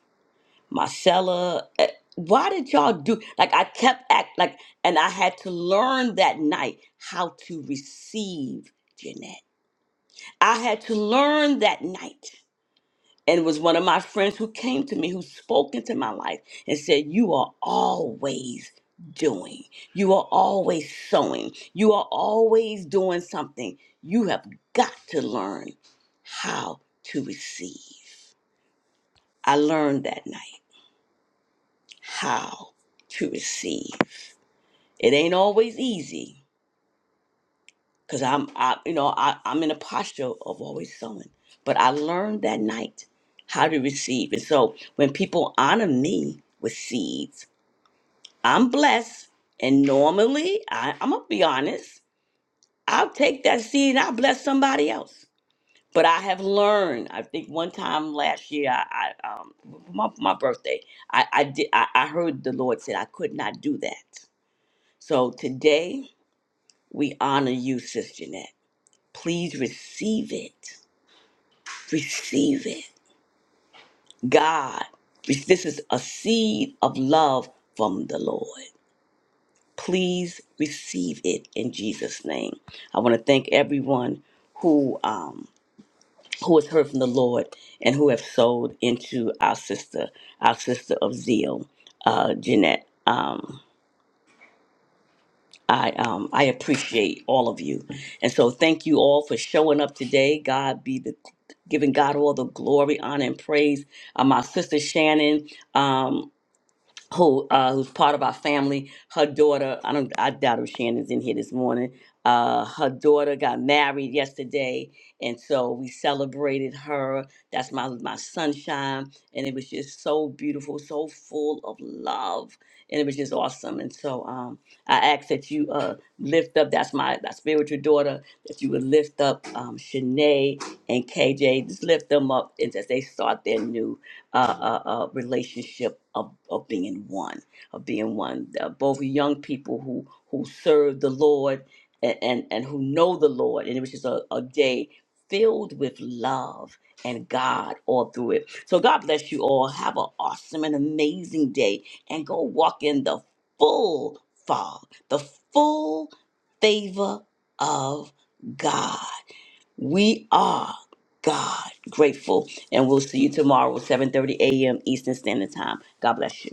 Marcella, eh, why did y'all do like I kept act like and I had to learn that night how to receive Jeanette. I had to learn that night And it was one of my friends who came to me, who spoke into my life and said, You are always doing. You are always sowing. You are always doing something. You have got to learn how to receive. I learned that night how to receive. It ain't always easy, because I'm, I, you know, I, I'm in a posture of always sowing. But I learned that night how to receive. And so when people honor me with seeds, I'm blessed. And normally, I, I'm going to be honest, I'll take that seed and I'll bless somebody else. But I have learned. I think one time last year, I, I um, my, my birthday, I, I did. I, I heard the Lord said I could not do that. So today we honor you, Sister Jeanette. Please receive it receive it. God, this is a seed of love from the Lord. Please receive it in Jesus' name. I want to thank everyone who um, who has heard from the Lord and who have sold into our sister, our sister of zeal, uh, Jeanette. Um, I um I appreciate all of you, and so thank you all for showing up today. God be the giving God all the glory, honor, and praise. Uh, my sister Shannon. Um, who uh, who's part of our family. Her daughter, I don't, I doubt if Shannon's in here this morning. Uh, her daughter got married yesterday, and so we celebrated her. That's my my sunshine, and it was just so beautiful, so full of love, and it was just awesome. And so um, I ask that you uh, lift up. That's my my spiritual daughter. That you would lift up um, Shanae and KJ. Just lift them up, and as they start their new uh, uh, uh, relationship of, of being one, of being one. Uh, both young people who who serve the Lord and, and, and who know the Lord, and it was just a, a day filled with love and God all through it. So God bless you all. Have an awesome and amazing day, and go walk in the full fog, the full favor of God. We are God grateful, and we'll see you tomorrow, 7:30 a.m. Eastern Standard Time. God bless you.